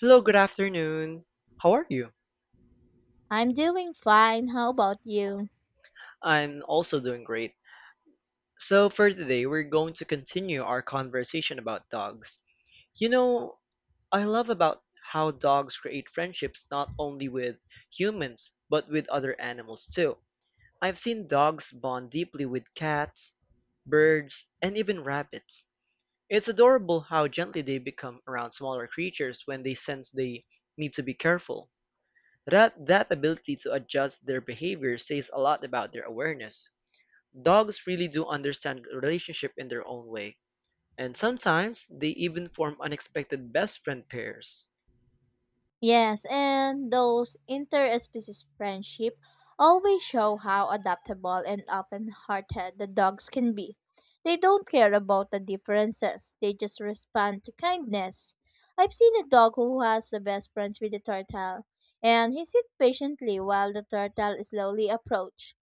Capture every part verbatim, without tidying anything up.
Hello, good afternoon. How are you? I'm doing fine. How about you? I'm also doing great. So, for today, we're going to continue our conversation about dogs. You know, I love about how dogs create friendships not only with humans, but with other animals too. I've seen dogs bond deeply with cats, birds, and even rabbits. It's adorable how gently they become around smaller creatures when they sense they need to be careful. That that ability to adjust their behavior says a lot about their awareness. Dogs really do understand relationship in their own way, and sometimes they even form unexpected best friend pairs. Yes, and those interspecies friendship always show how adaptable and open-hearted the dogs can be. They don't care about the differences. They just respond to kindness. I've seen a dog who has the best friends with the turtle, and he sits patiently while the turtle slowly approaches.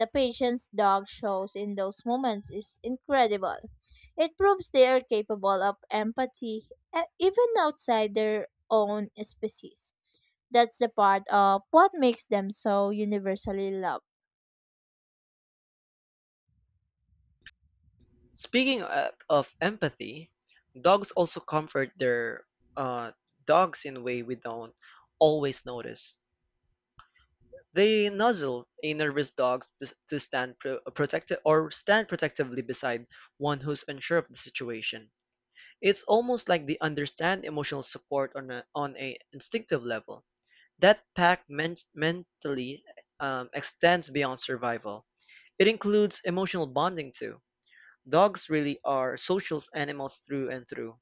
The patience dog shows in those moments is incredible. It proves they are capable of empathy, e- even outside their own species. That's the part of what makes them so universally loved. Speaking of, of empathy, dogs also comfort their uh, dogs in a way we don't always notice. They nuzzle a nervous dog to, to stand pro- protective or stand protectively beside one who's unsure of the situation. It's almost like they understand emotional support on a, on a instinctive level. That pact men- mentally um, extends beyond survival. It includes emotional bonding too. Dogs really are social animals through and through.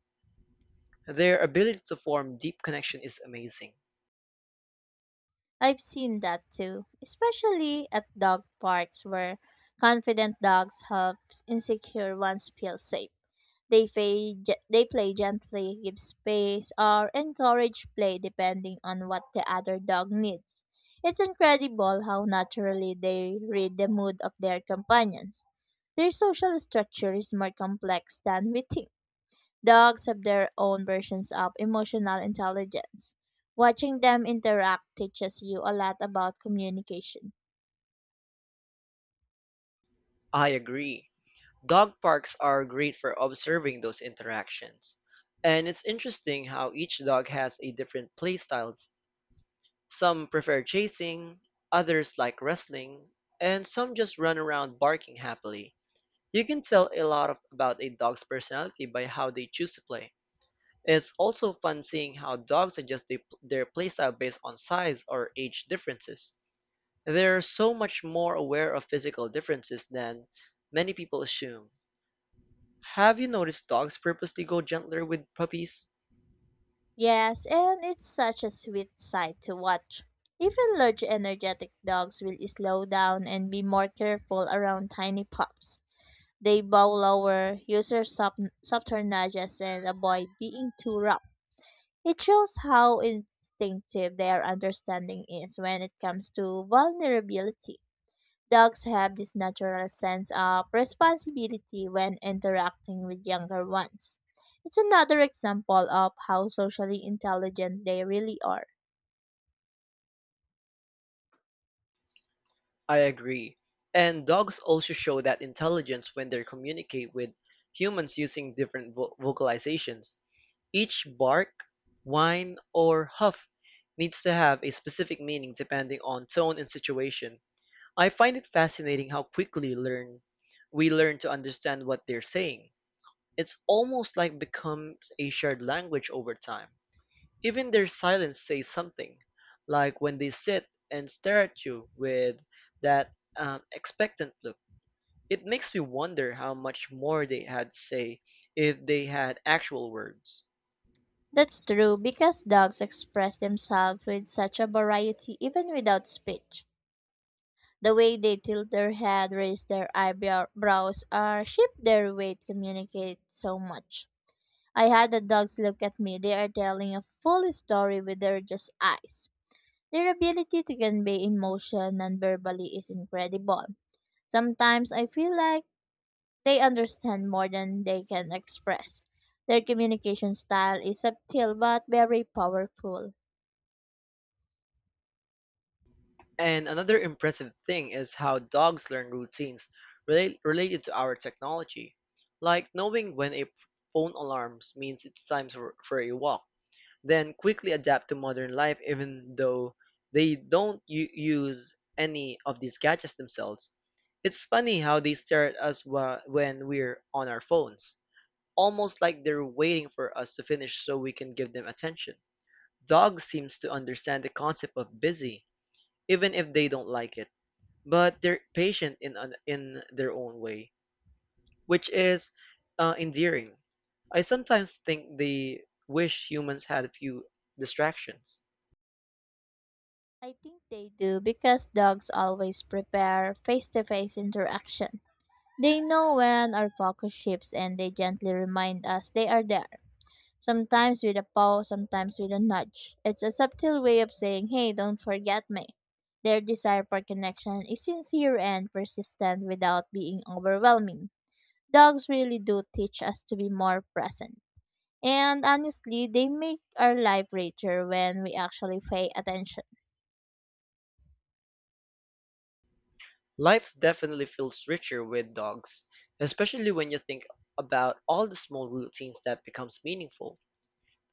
Their ability to form deep connection is amazing. I've seen that too, especially at dog parks where confident dogs help insecure ones feel safe. They, play, they play gently, give space, or encourage play depending on what the other dog needs. It's incredible how naturally they read the mood of their companions. Their social structure is more complex than we think. Dogs have their own versions of emotional intelligence. Watching them interact teaches you a lot about communication. I agree. Dog parks are great for observing those interactions. And it's interesting how each dog has a different playstyle. Some prefer chasing, others like wrestling, and some just run around barking happily. You can tell a lot of, about a dog's personality by how they choose to play. It's also fun seeing how dogs adjust they, their playstyle based on size or age differences. They're so much more aware of physical differences than many people assume. Have you noticed dogs purposely go gentler with puppies? Yes, and it's such a sweet sight to watch. Even large energetic dogs will slow down and be more careful around tiny pups. They bow lower, use their soft, softer nudges, and avoid being too rough. It shows how instinctive their understanding is when it comes to vulnerability. Dogs have this natural sense of responsibility when interacting with younger ones. It's another example of how socially intelligent they really are. I agree, and dogs also show that intelligence when they communicate with humans using different vo- vocalizations. Each bark, whine, or huff needs to have a specific meaning depending on tone and situation. I find it fascinating how quickly learn we learn to understand what they're saying. It's almost like becomes a shared language over time. Even their silence says something, like when they sit and stare at you with that um, expectant look. It makes me wonder how much more they had to say if they had actual words. That's true because dogs express themselves with such a variety even without speech. The way they tilt their head, raise their eyebrows, or shift their weight communicate so much. I had the dogs look at me. They are telling a full story with their just eyes. Their ability to convey emotion non-verbally is incredible. Sometimes I feel like they understand more than they can express. Their communication style is subtle but very powerful. And another impressive thing is how dogs learn routines relate, related to our technology, like knowing when a phone alarms means it's time for, for a walk then quickly adapt to modern life even though they don't u- use any of these gadgets themselves. It's funny how they stare at us wha- when we're on our phones, almost like they're waiting for us to finish so we can give them attention. Dogs seems to understand the concept of busy, even if they don't like it, but they're patient in an- in their own way, which is uh, endearing. I sometimes think they wish humans had a few distractions. I think they do because dogs always prepare face to face interaction. They know when our focus shifts and they gently remind us they are there, sometimes with a paw, sometimes with a nudge. It's a subtle way of saying, hey, don't forget me. Their desire for connection is sincere and persistent without being overwhelming. Dogs really do teach us to be more present. And honestly, they make our life richer when we actually pay attention. Life definitely feels richer with dogs, especially when you think about all the small routines that becomes meaningful.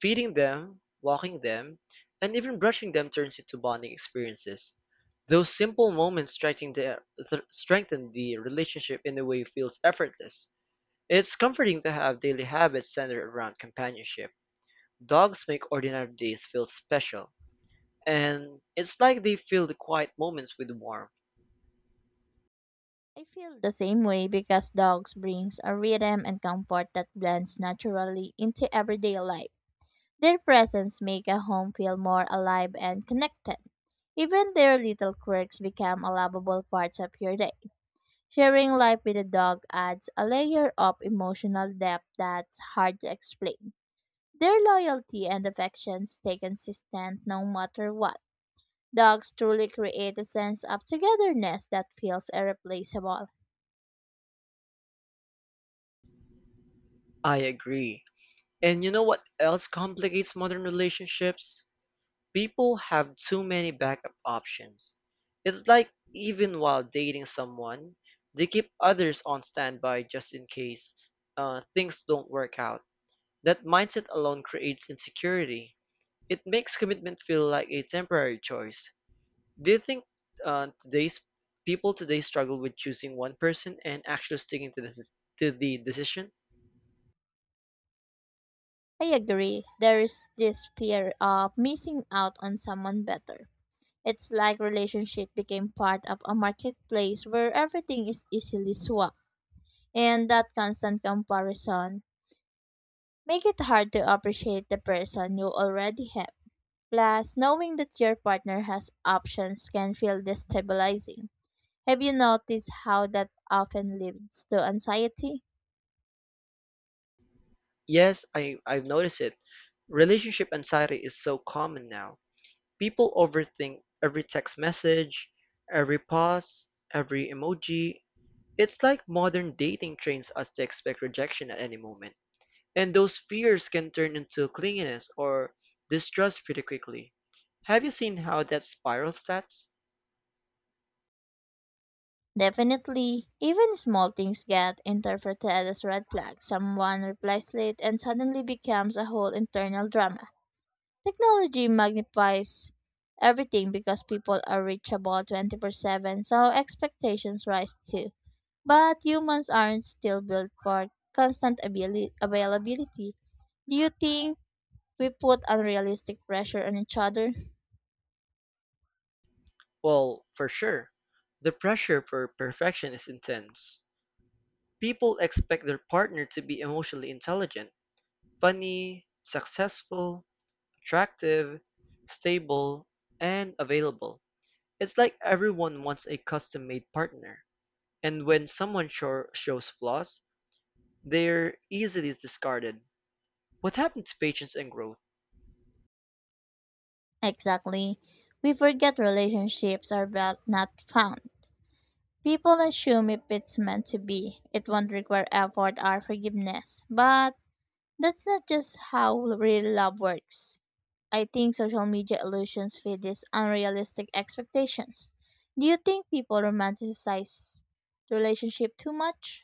Feeding them, walking them, and even brushing them turns into bonding experiences. Those simple moments strengthen the, th- strengthen the relationship in a way feels effortless. It's comforting to have daily habits centered around companionship. Dogs make ordinary days feel special, and it's like they fill the quiet moments with warmth. I feel the same way because dogs brings a rhythm and comfort that blends naturally into everyday life. Their presence make a home feel more alive and connected. Even their little quirks become lovable parts of your day. Sharing life with a dog adds a layer of emotional depth that's hard to explain. Their loyalty and affection stay consistent no matter what. Dogs truly create a sense of togetherness that feels irreplaceable. I agree. And you know what else complicates modern relationships? People have too many backup options. It's like even while dating someone, they keep others on standby just in case uh, things don't work out. That mindset alone creates insecurity. It makes commitment feel like a temporary choice. Do you think uh, today's people today struggle with choosing one person and actually sticking to the, to the decision? I agree, there is this fear of missing out on someone better. It's like relationship became part of a marketplace where everything is easily swapped. And that constant comparison make it hard to appreciate the person you already have. Plus, knowing that your partner has options can feel destabilizing. Have you noticed how that often leads to anxiety? Yes, I, I've noticed it. Relationship anxiety is so common now. People overthink every text message, every pause, every emoji. It's like modern dating trains us to expect rejection at any moment. And those fears can turn into clinginess or distrust pretty quickly. Have you seen how that spiral stats? Definitely. Even small things get interpreted as red flags. Someone replies late and suddenly becomes a whole internal drama. Technology magnifies everything because people are reachable twenty-four seven, so expectations rise too. But humans aren't still built for constant abili- availability. Do you think we put unrealistic pressure on each other? Well, for sure. The pressure for perfection is intense. People expect their partner to be emotionally intelligent, funny, successful, attractive, stable, and available. It's like everyone wants a custom made partner. And when someone sho- shows flaws, they're easily discarded. What happened to patience and growth? Exactly. We forget relationships are built, not found. People assume if it's meant to be, it won't require effort or forgiveness. But that's not just how real love works. I think social media illusions feed these unrealistic expectations. Do you think people romanticize the relationship too much?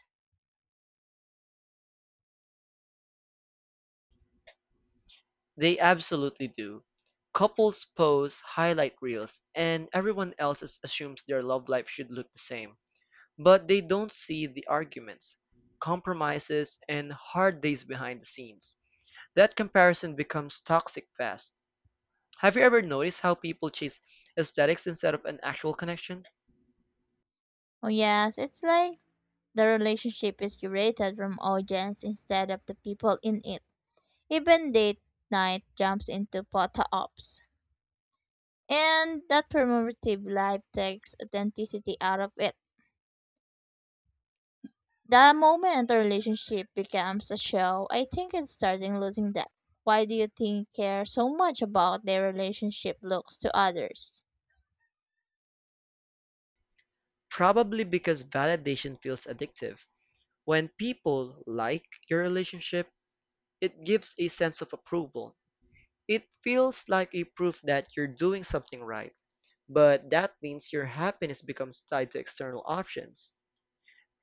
They absolutely do. Couples post highlight reels, and everyone else is- assumes their love life should look the same. But they don't see the arguments, compromises, and hard days behind the scenes. That comparison becomes toxic fast. Have you ever noticed how people chase aesthetics instead of an actual connection? Oh yes, it's like the relationship is curated from audience instead of the people in it. Even date night jumps into photo ops. And that performative life takes authenticity out of it. The moment a relationship becomes a show, I think it's starting losing depth. Why do you think care so much about their relationship looks to others? Probably because validation feels addictive. When people like your relationship, it gives a sense of approval. It feels like a proof that you're doing something right. But that means your happiness becomes tied to external options.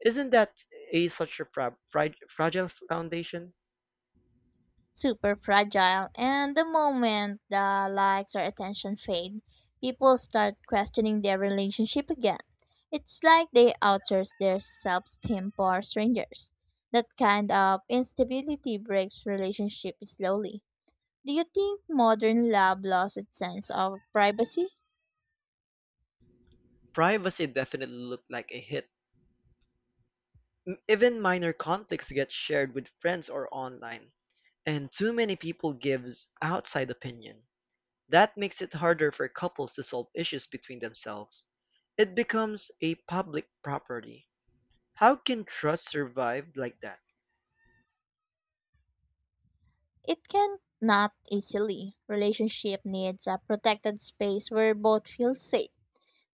Isn't that a such a fra- fri- fragile foundation? Super fragile, and the moment the likes or attention fade, people start questioning their relationship again. It's like they outsource their self-esteem for strangers. That kind of instability breaks relationship slowly. Do you think modern love lost its sense of privacy? Privacy definitely looked like a hit. M- Even minor conflicts get shared with friends or online, and too many people gives outside opinion. That makes it harder for couples to solve issues between themselves. It becomes a public property. How can trust survive like that? It can not easily. Relationship needs a protected space where both feel safe.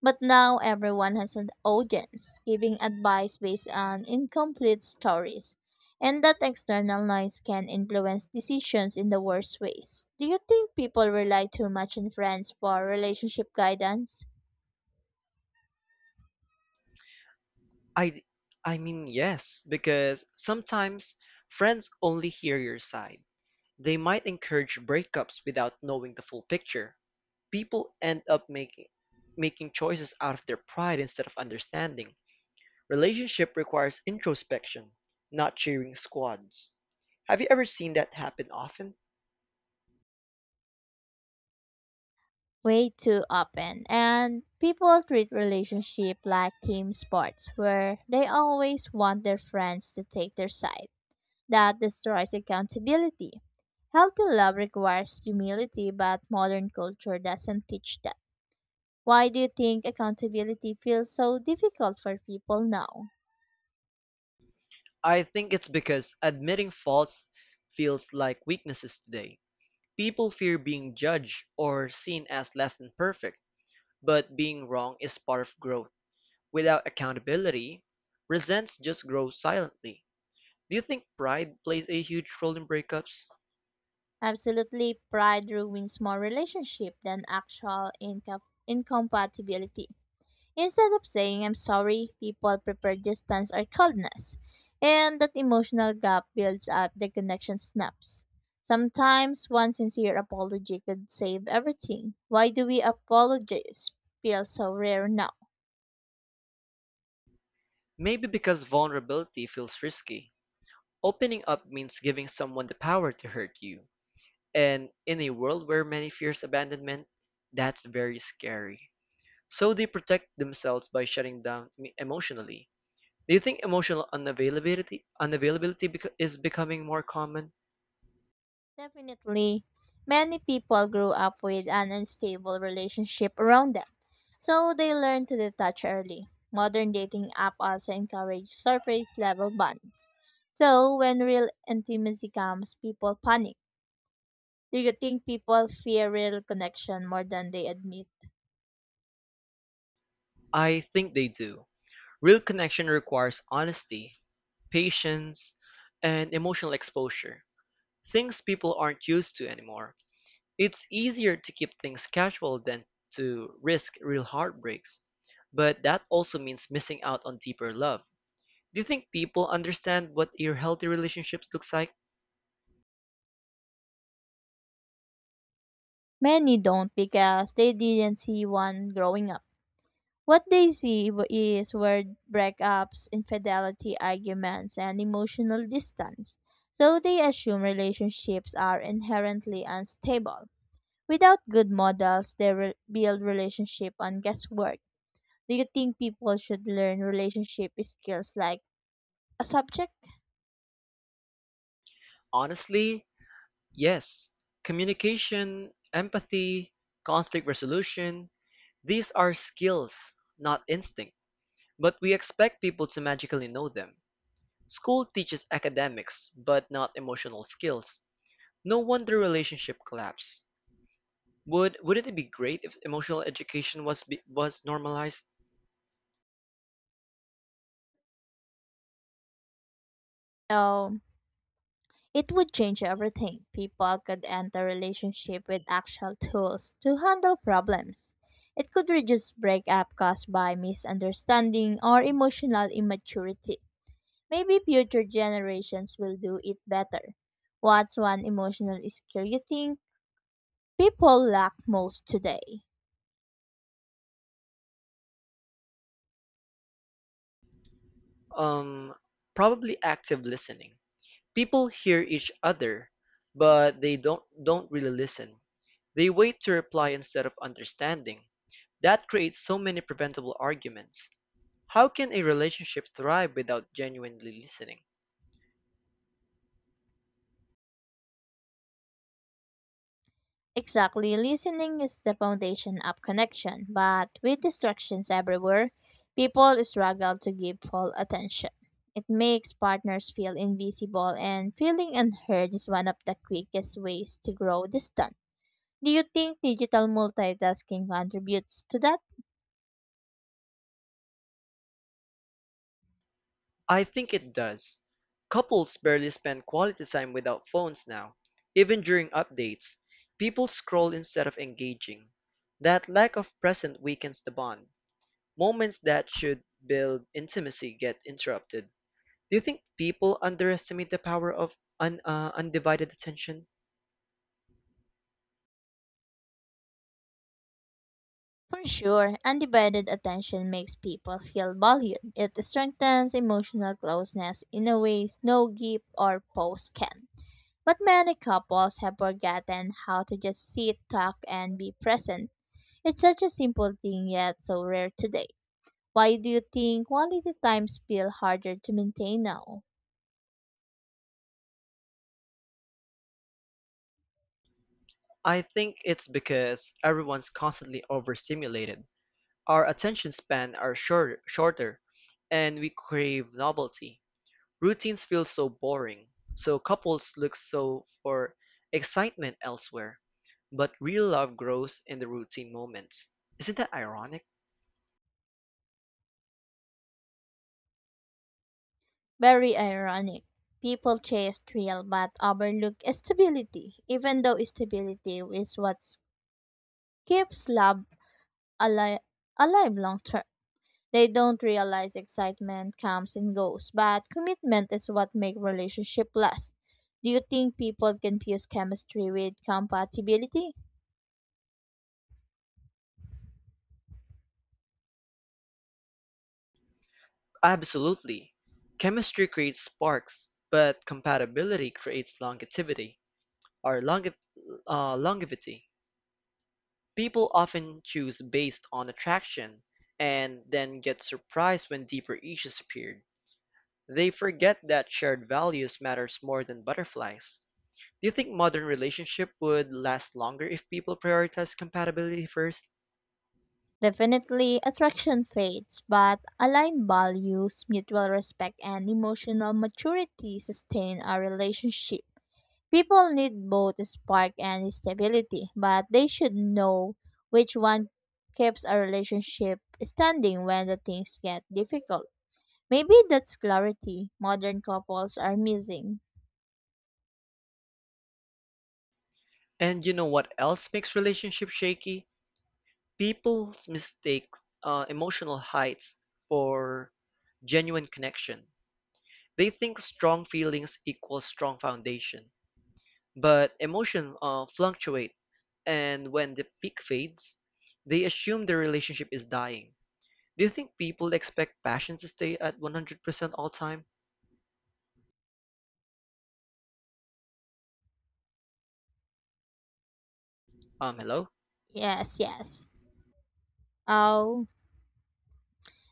But now everyone has an audience, giving advice based on incomplete stories. And that external noise can influence decisions in the worst ways. Do you think people rely too much on friends for relationship guidance? I I mean yes, because sometimes friends only hear your side. They might encourage breakups without knowing the full picture. People end up making making choices out of their pride instead of understanding. Relationship requires introspection, not cheering squads. Have you ever seen that happen often? Way too often. And people treat relationship like team sports where they always want their friends to take their side. That destroys accountability. Healthy love requires humility, but modern culture doesn't teach that. Why do you think accountability feels so difficult for people now? I think it's because admitting faults feels like weaknesses today. People fear being judged or seen as less than perfect, but being wrong is part of growth. Without accountability, resents just grows silently. Do you think pride plays a huge role in breakups? Absolutely, pride ruins more relationship than actual incom- incompatibility. Instead of saying I'm sorry, people prefer distance or coldness, and that emotional gap builds up. The connection snaps. Sometimes one sincere apology could save everything. Why do we apologize feel so rare now? Maybe because vulnerability feels risky. Opening up means giving someone the power to hurt you. And in a world where many fears abandonment, that's very scary. So they protect themselves by shutting down me- emotionally. Do you think emotional unavailability unavailability bec- is becoming more common? Definitely, many people grew up with an unstable relationship around them, so they learn to detach early. Modern dating app also encourage surface level bonds. So when real intimacy comes, people panic. Do you think people fear real connection more than they admit? I think they do. Real connection requires honesty, patience, and emotional exposure, things people aren't used to anymore. It's easier to keep things casual than to risk real heartbreaks, but that also means missing out on deeper love. Do you think people understand what a healthy relationship looks like? Many don't because they didn't see one growing up. What they see w- is word breakups, infidelity arguments, and emotional distance. So they assume relationships are inherently unstable. Without good models, they re- build relationship on guesswork. Do you think people should learn relationship skills like a subject? Honestly, yes. Communication, empathy, conflict resolution, these are skills, not instinct, but we expect people to magically know them. School teaches academics, but not emotional skills. No wonder relationship collapse. Would wouldn't it be great if emotional education was be, was normalized? No, it would change everything. People could enter relationship with actual tools to handle problems. It could reduce breakup caused by misunderstanding or emotional immaturity. Maybe future generations will do it better. What's one emotional skill you think people lack most today? Um, Probably active listening. People hear each other, but they don't don't really listen. They wait to reply instead of understanding. That creates so many preventable arguments. How can a relationship thrive without genuinely listening? Exactly, listening is the foundation of connection, but with distractions everywhere, people struggle to give full attention. It makes partners feel invisible, and feeling unheard is one of the quickest ways to grow distance. Do you think digital multitasking contributes to that? I think it does. Couples barely spend quality time without phones now. Even during updates, people scroll instead of engaging. That lack of presence weakens the bond. Moments that should build intimacy get interrupted. Do you think people underestimate the power of un- uh, undivided attention? For sure, undivided attention makes people feel valued. It strengthens emotional closeness in a ways no gift or post can. But many couples have forgotten how to just sit, talk, and be present. It's such a simple thing yet so rare today. Why do you think quality times feel harder to maintain now? I think it's because everyone's constantly overstimulated. Our attention span are short- shorter, and we crave novelty. Routines feel so boring, so couples look so for excitement elsewhere. But real love grows in the routine moments. Isn't that ironic? Very ironic. People chase thrill but overlook stability, even though stability is what keeps love alive, alive long term. They don't realize excitement comes and goes, but commitment is what make relationship last. Do you think people confuse chemistry with compatibility? Absolutely. Chemistry creates sparks, but compatibility creates longevity or longe- uh, longevity. People often choose based on attraction and then get surprised when deeper issues appear. They forget that shared values matters more than butterflies. Do you think modern relationship would last longer if people prioritize compatibility first? Definitely, attraction fades, but aligned values, mutual respect, and emotional maturity sustain a relationship. People need both spark and stability, but they should know which one keeps a relationship standing when the things get difficult. Maybe that's clarity modern couples are missing. And you know what else makes relationships shaky? People mistake uh, emotional heights for genuine connection. They think strong feelings equals strong foundation, but emotion uh, fluctuate, and when the peak fades, they assume the relationship is dying. Do you think people expect passion to stay at one hundred percent all time? Um, hello? Yes, yes. Oh,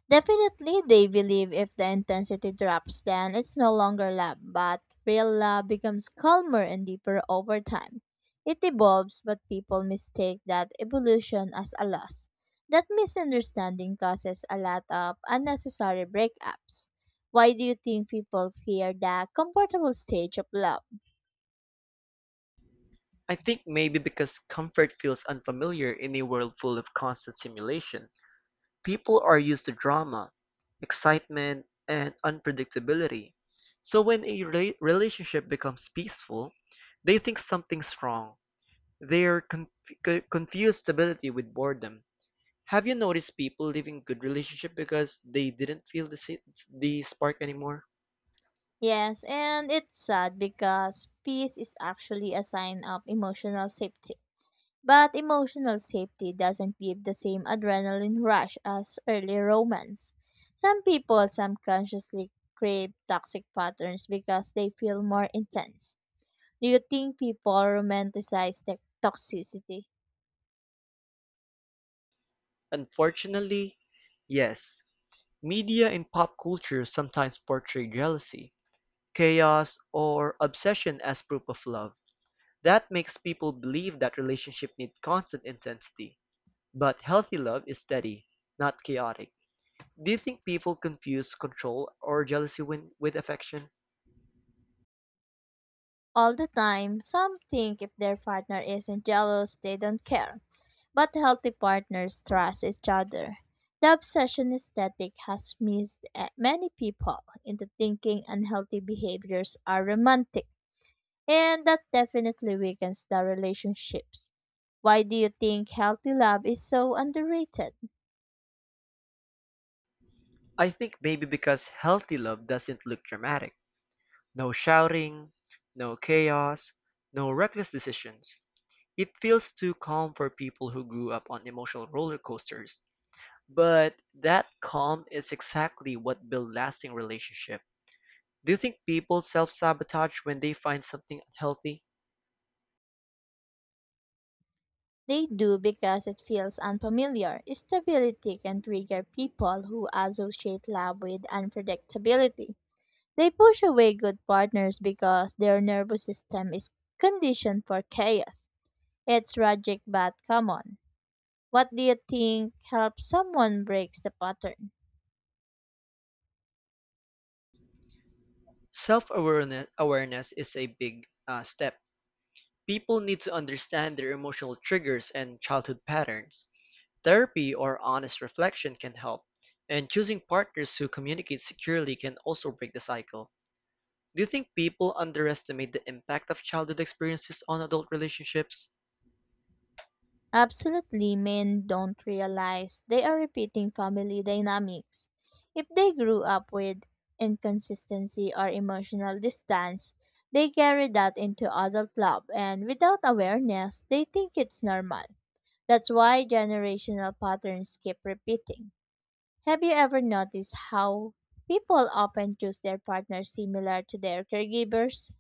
Definitely they believe if the intensity drops, then it's no longer love, but real love becomes calmer and deeper over time. It evolves, but people mistake that evolution as a loss. That misunderstanding causes a lot of unnecessary breakups. Why do you think people fear the comfortable stage of love? I think maybe because comfort feels unfamiliar in a world full of constant simulation. People are used to drama, excitement, and unpredictability. So when a rela- relationship becomes peaceful, they think something's wrong. They're conf- co- confused stability with boredom. Have you noticed people leaving good relationship because they didn't feel the, sa- the spark anymore? Yes, and it's sad because peace is actually a sign of emotional safety. But emotional safety doesn't give the same adrenaline rush as early romance. Some people subconsciously crave toxic patterns because they feel more intense. Do you think people romanticize the toxicity? Unfortunately, yes. Media and pop culture sometimes portray jealousy, chaos, or obsession as proof of love. That makes people believe that relationship need constant intensity. But healthy love is steady, not chaotic. Do you think people confuse control or jealousy win- with affection? All the time. Some think if their partner isn't jealous, they don't care. But healthy partners trust each other. The obsession aesthetic has missed eh, many people into thinking unhealthy behaviors are romantic, and that definitely weakens the relationships. Why do you think healthy love is so underrated? I think maybe because healthy love doesn't look dramatic. No shouting, no chaos, no reckless decisions. It feels too calm for people who grew up on emotional roller coasters. But that calm is exactly what builds lasting relationship. Do you think people self-sabotage when they find something unhealthy? They do because it feels unfamiliar. Stability can trigger people who associate love with unpredictability. They push away good partners because their nervous system is conditioned for chaos. It's tragic but common. What do you think helps someone breaks the pattern? Self-awareness awareness is a big uh, step. People need to understand their emotional triggers and childhood patterns. Therapy or honest reflection can help, and choosing partners who communicate securely can also break the cycle. Do you think people underestimate the impact of childhood experiences on adult relationships? Absolutely, men don't realize they are repeating family dynamics. If they grew up with inconsistency or emotional distance, they carry that into adult love, and without awareness, they think it's normal. That's why generational patterns keep repeating. Have you ever noticed how people often choose their partners similar to their caregivers?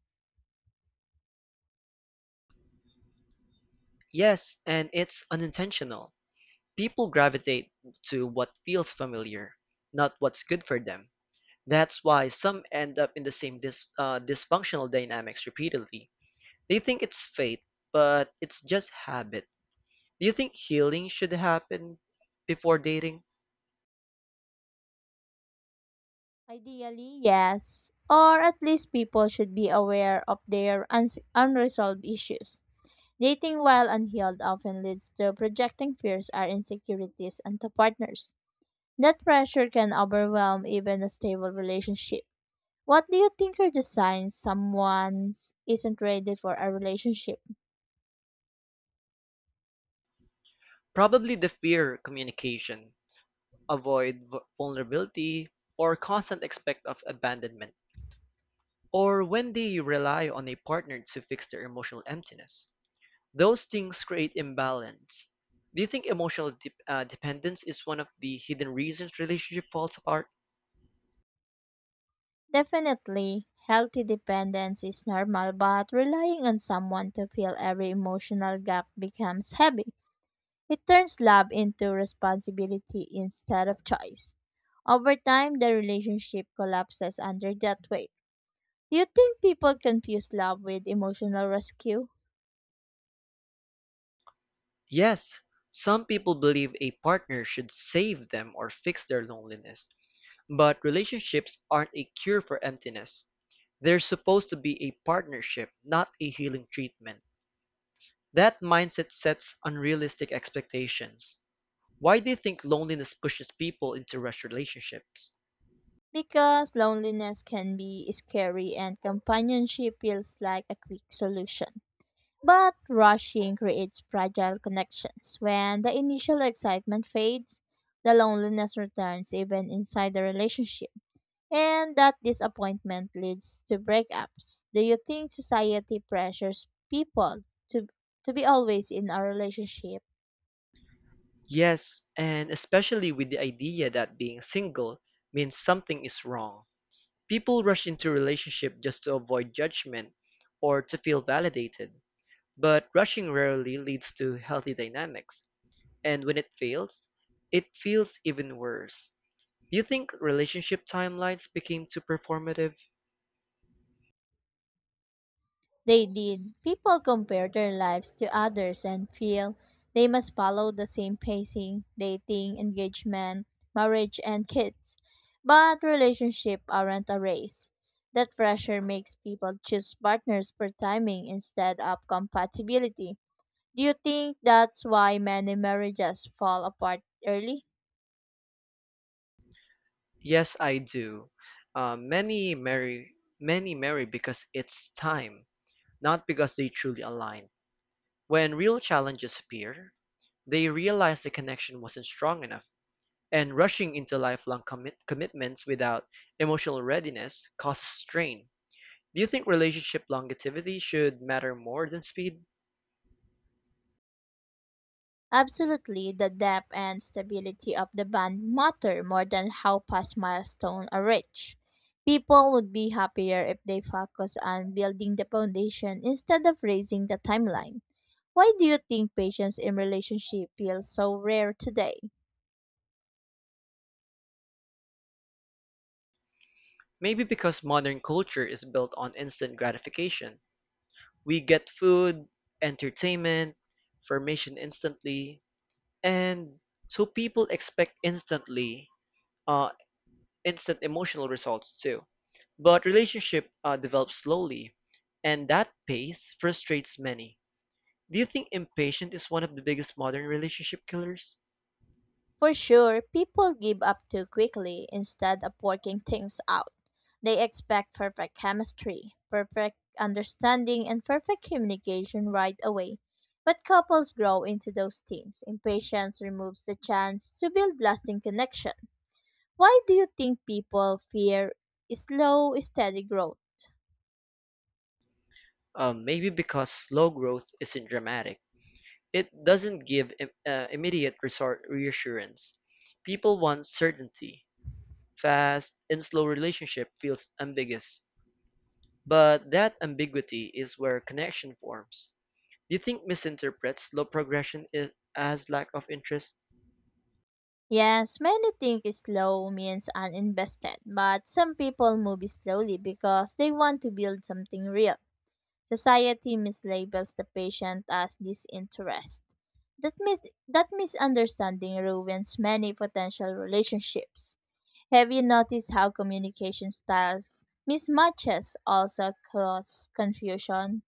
Yes, and it's unintentional. People gravitate to what feels familiar, not what's good for them. That's why some end up in the same dis- uh, dysfunctional dynamics repeatedly. They think it's fate, but it's just habit. Do you think healing should happen before dating? Ideally, yes, or at least people should be aware of their uns- unresolved issues. Dating while unhealed often leads to projecting fears or insecurities onto partners. That pressure can overwhelm even a stable relationship. What do you think are the signs someone isn't ready for a relationship? Probably the fear communication, avoid vu- vulnerability, or constant expect of abandonment. Or when they rely on a partner to fix their emotional emptiness. Those things create imbalance. Do you think emotional de- uh, dependence is one of the hidden reasons relationship falls apart? Definitely, healthy dependence is normal, but relying on someone to fill every emotional gap becomes heavy. It turns love into responsibility instead of choice. Over time, the relationship collapses under that weight. Do you think people confuse love with emotional rescue? Yes, some people believe a partner should save them or fix their loneliness, but relationships aren't a cure for emptiness. They're supposed to be a partnership, not a healing treatment. That mindset sets unrealistic expectations. Why do you think loneliness pushes people into rushed relationships? Because loneliness can be scary and companionship feels like a quick solution. But rushing creates fragile connections. When the initial excitement fades, the loneliness returns even inside the relationship. And that disappointment leads to breakups. Do you think society pressures people to, to be always in a relationship? Yes, and especially with the idea that being single means something is wrong. People rush into relationship just to avoid judgment or to feel validated. But rushing rarely leads to healthy dynamics, and when it fails, it feels even worse. Do you think relationship timelines became too performative? They did. People compare their lives to others and feel they must follow the same pacing, dating, engagement, marriage, and kids. But relationships aren't a race. That pressure makes people choose partners for timing instead of compatibility. Do you think that's why many marriages fall apart early? Yes, I do. Uh, many marry, many marry because it's time, not because they truly aligned. When real challenges appear, they realize the connection wasn't strong enough, and rushing into lifelong commit- commitments without emotional readiness causes strain. Do you think relationship longevity should matter more than speed? Absolutely, the depth and stability of the band matter more than how past milestones are reached. People would be happier if they focus on building the foundation instead of raising the timeline. Why do you think patience in relationship feels so rare today? Maybe because modern culture is built on instant gratification. We get food, entertainment, information instantly, and so people expect instantly, uh, instant emotional results too. But relationship uh, develops slowly, and that pace frustrates many. Do you think impatient is one of the biggest modern relationship killers? For sure, people give up too quickly instead of working things out. They expect perfect chemistry, perfect understanding, and perfect communication right away. But couples grow into those things. Impatience removes the chance to build lasting connection. Why do you think people fear slow, steady growth? Uh, maybe because slow growth isn't dramatic. It doesn't give im- uh, immediate resort reassurance. People want certainty. Fast and slow relationship feels ambiguous, but that ambiguity is where connection forms. Do you think misinterprets slow progression is, as lack of interest? Yes, many think slow means uninvested, but some people move slowly because they want to build something real. Society mislabels the patient as disinterest. That, mis- that misunderstanding ruins many potential relationships. Have you noticed how communication styles mismatches also cause confusion?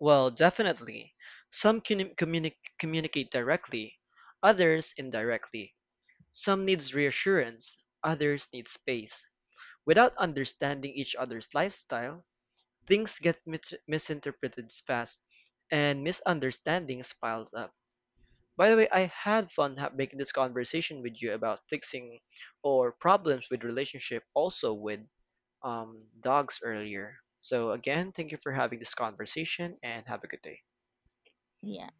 Well, definitely. Some can communi- communicate directly, others indirectly. Some needs reassurance, others need space. Without understanding each other's lifestyle, things get mit- misinterpreted fast and misunderstandings piles up. By the way, I had fun ha- making this conversation with you about fixing or problems with relationship also with um, dogs earlier. So again, thank you for having this conversation and have a good day. Yeah.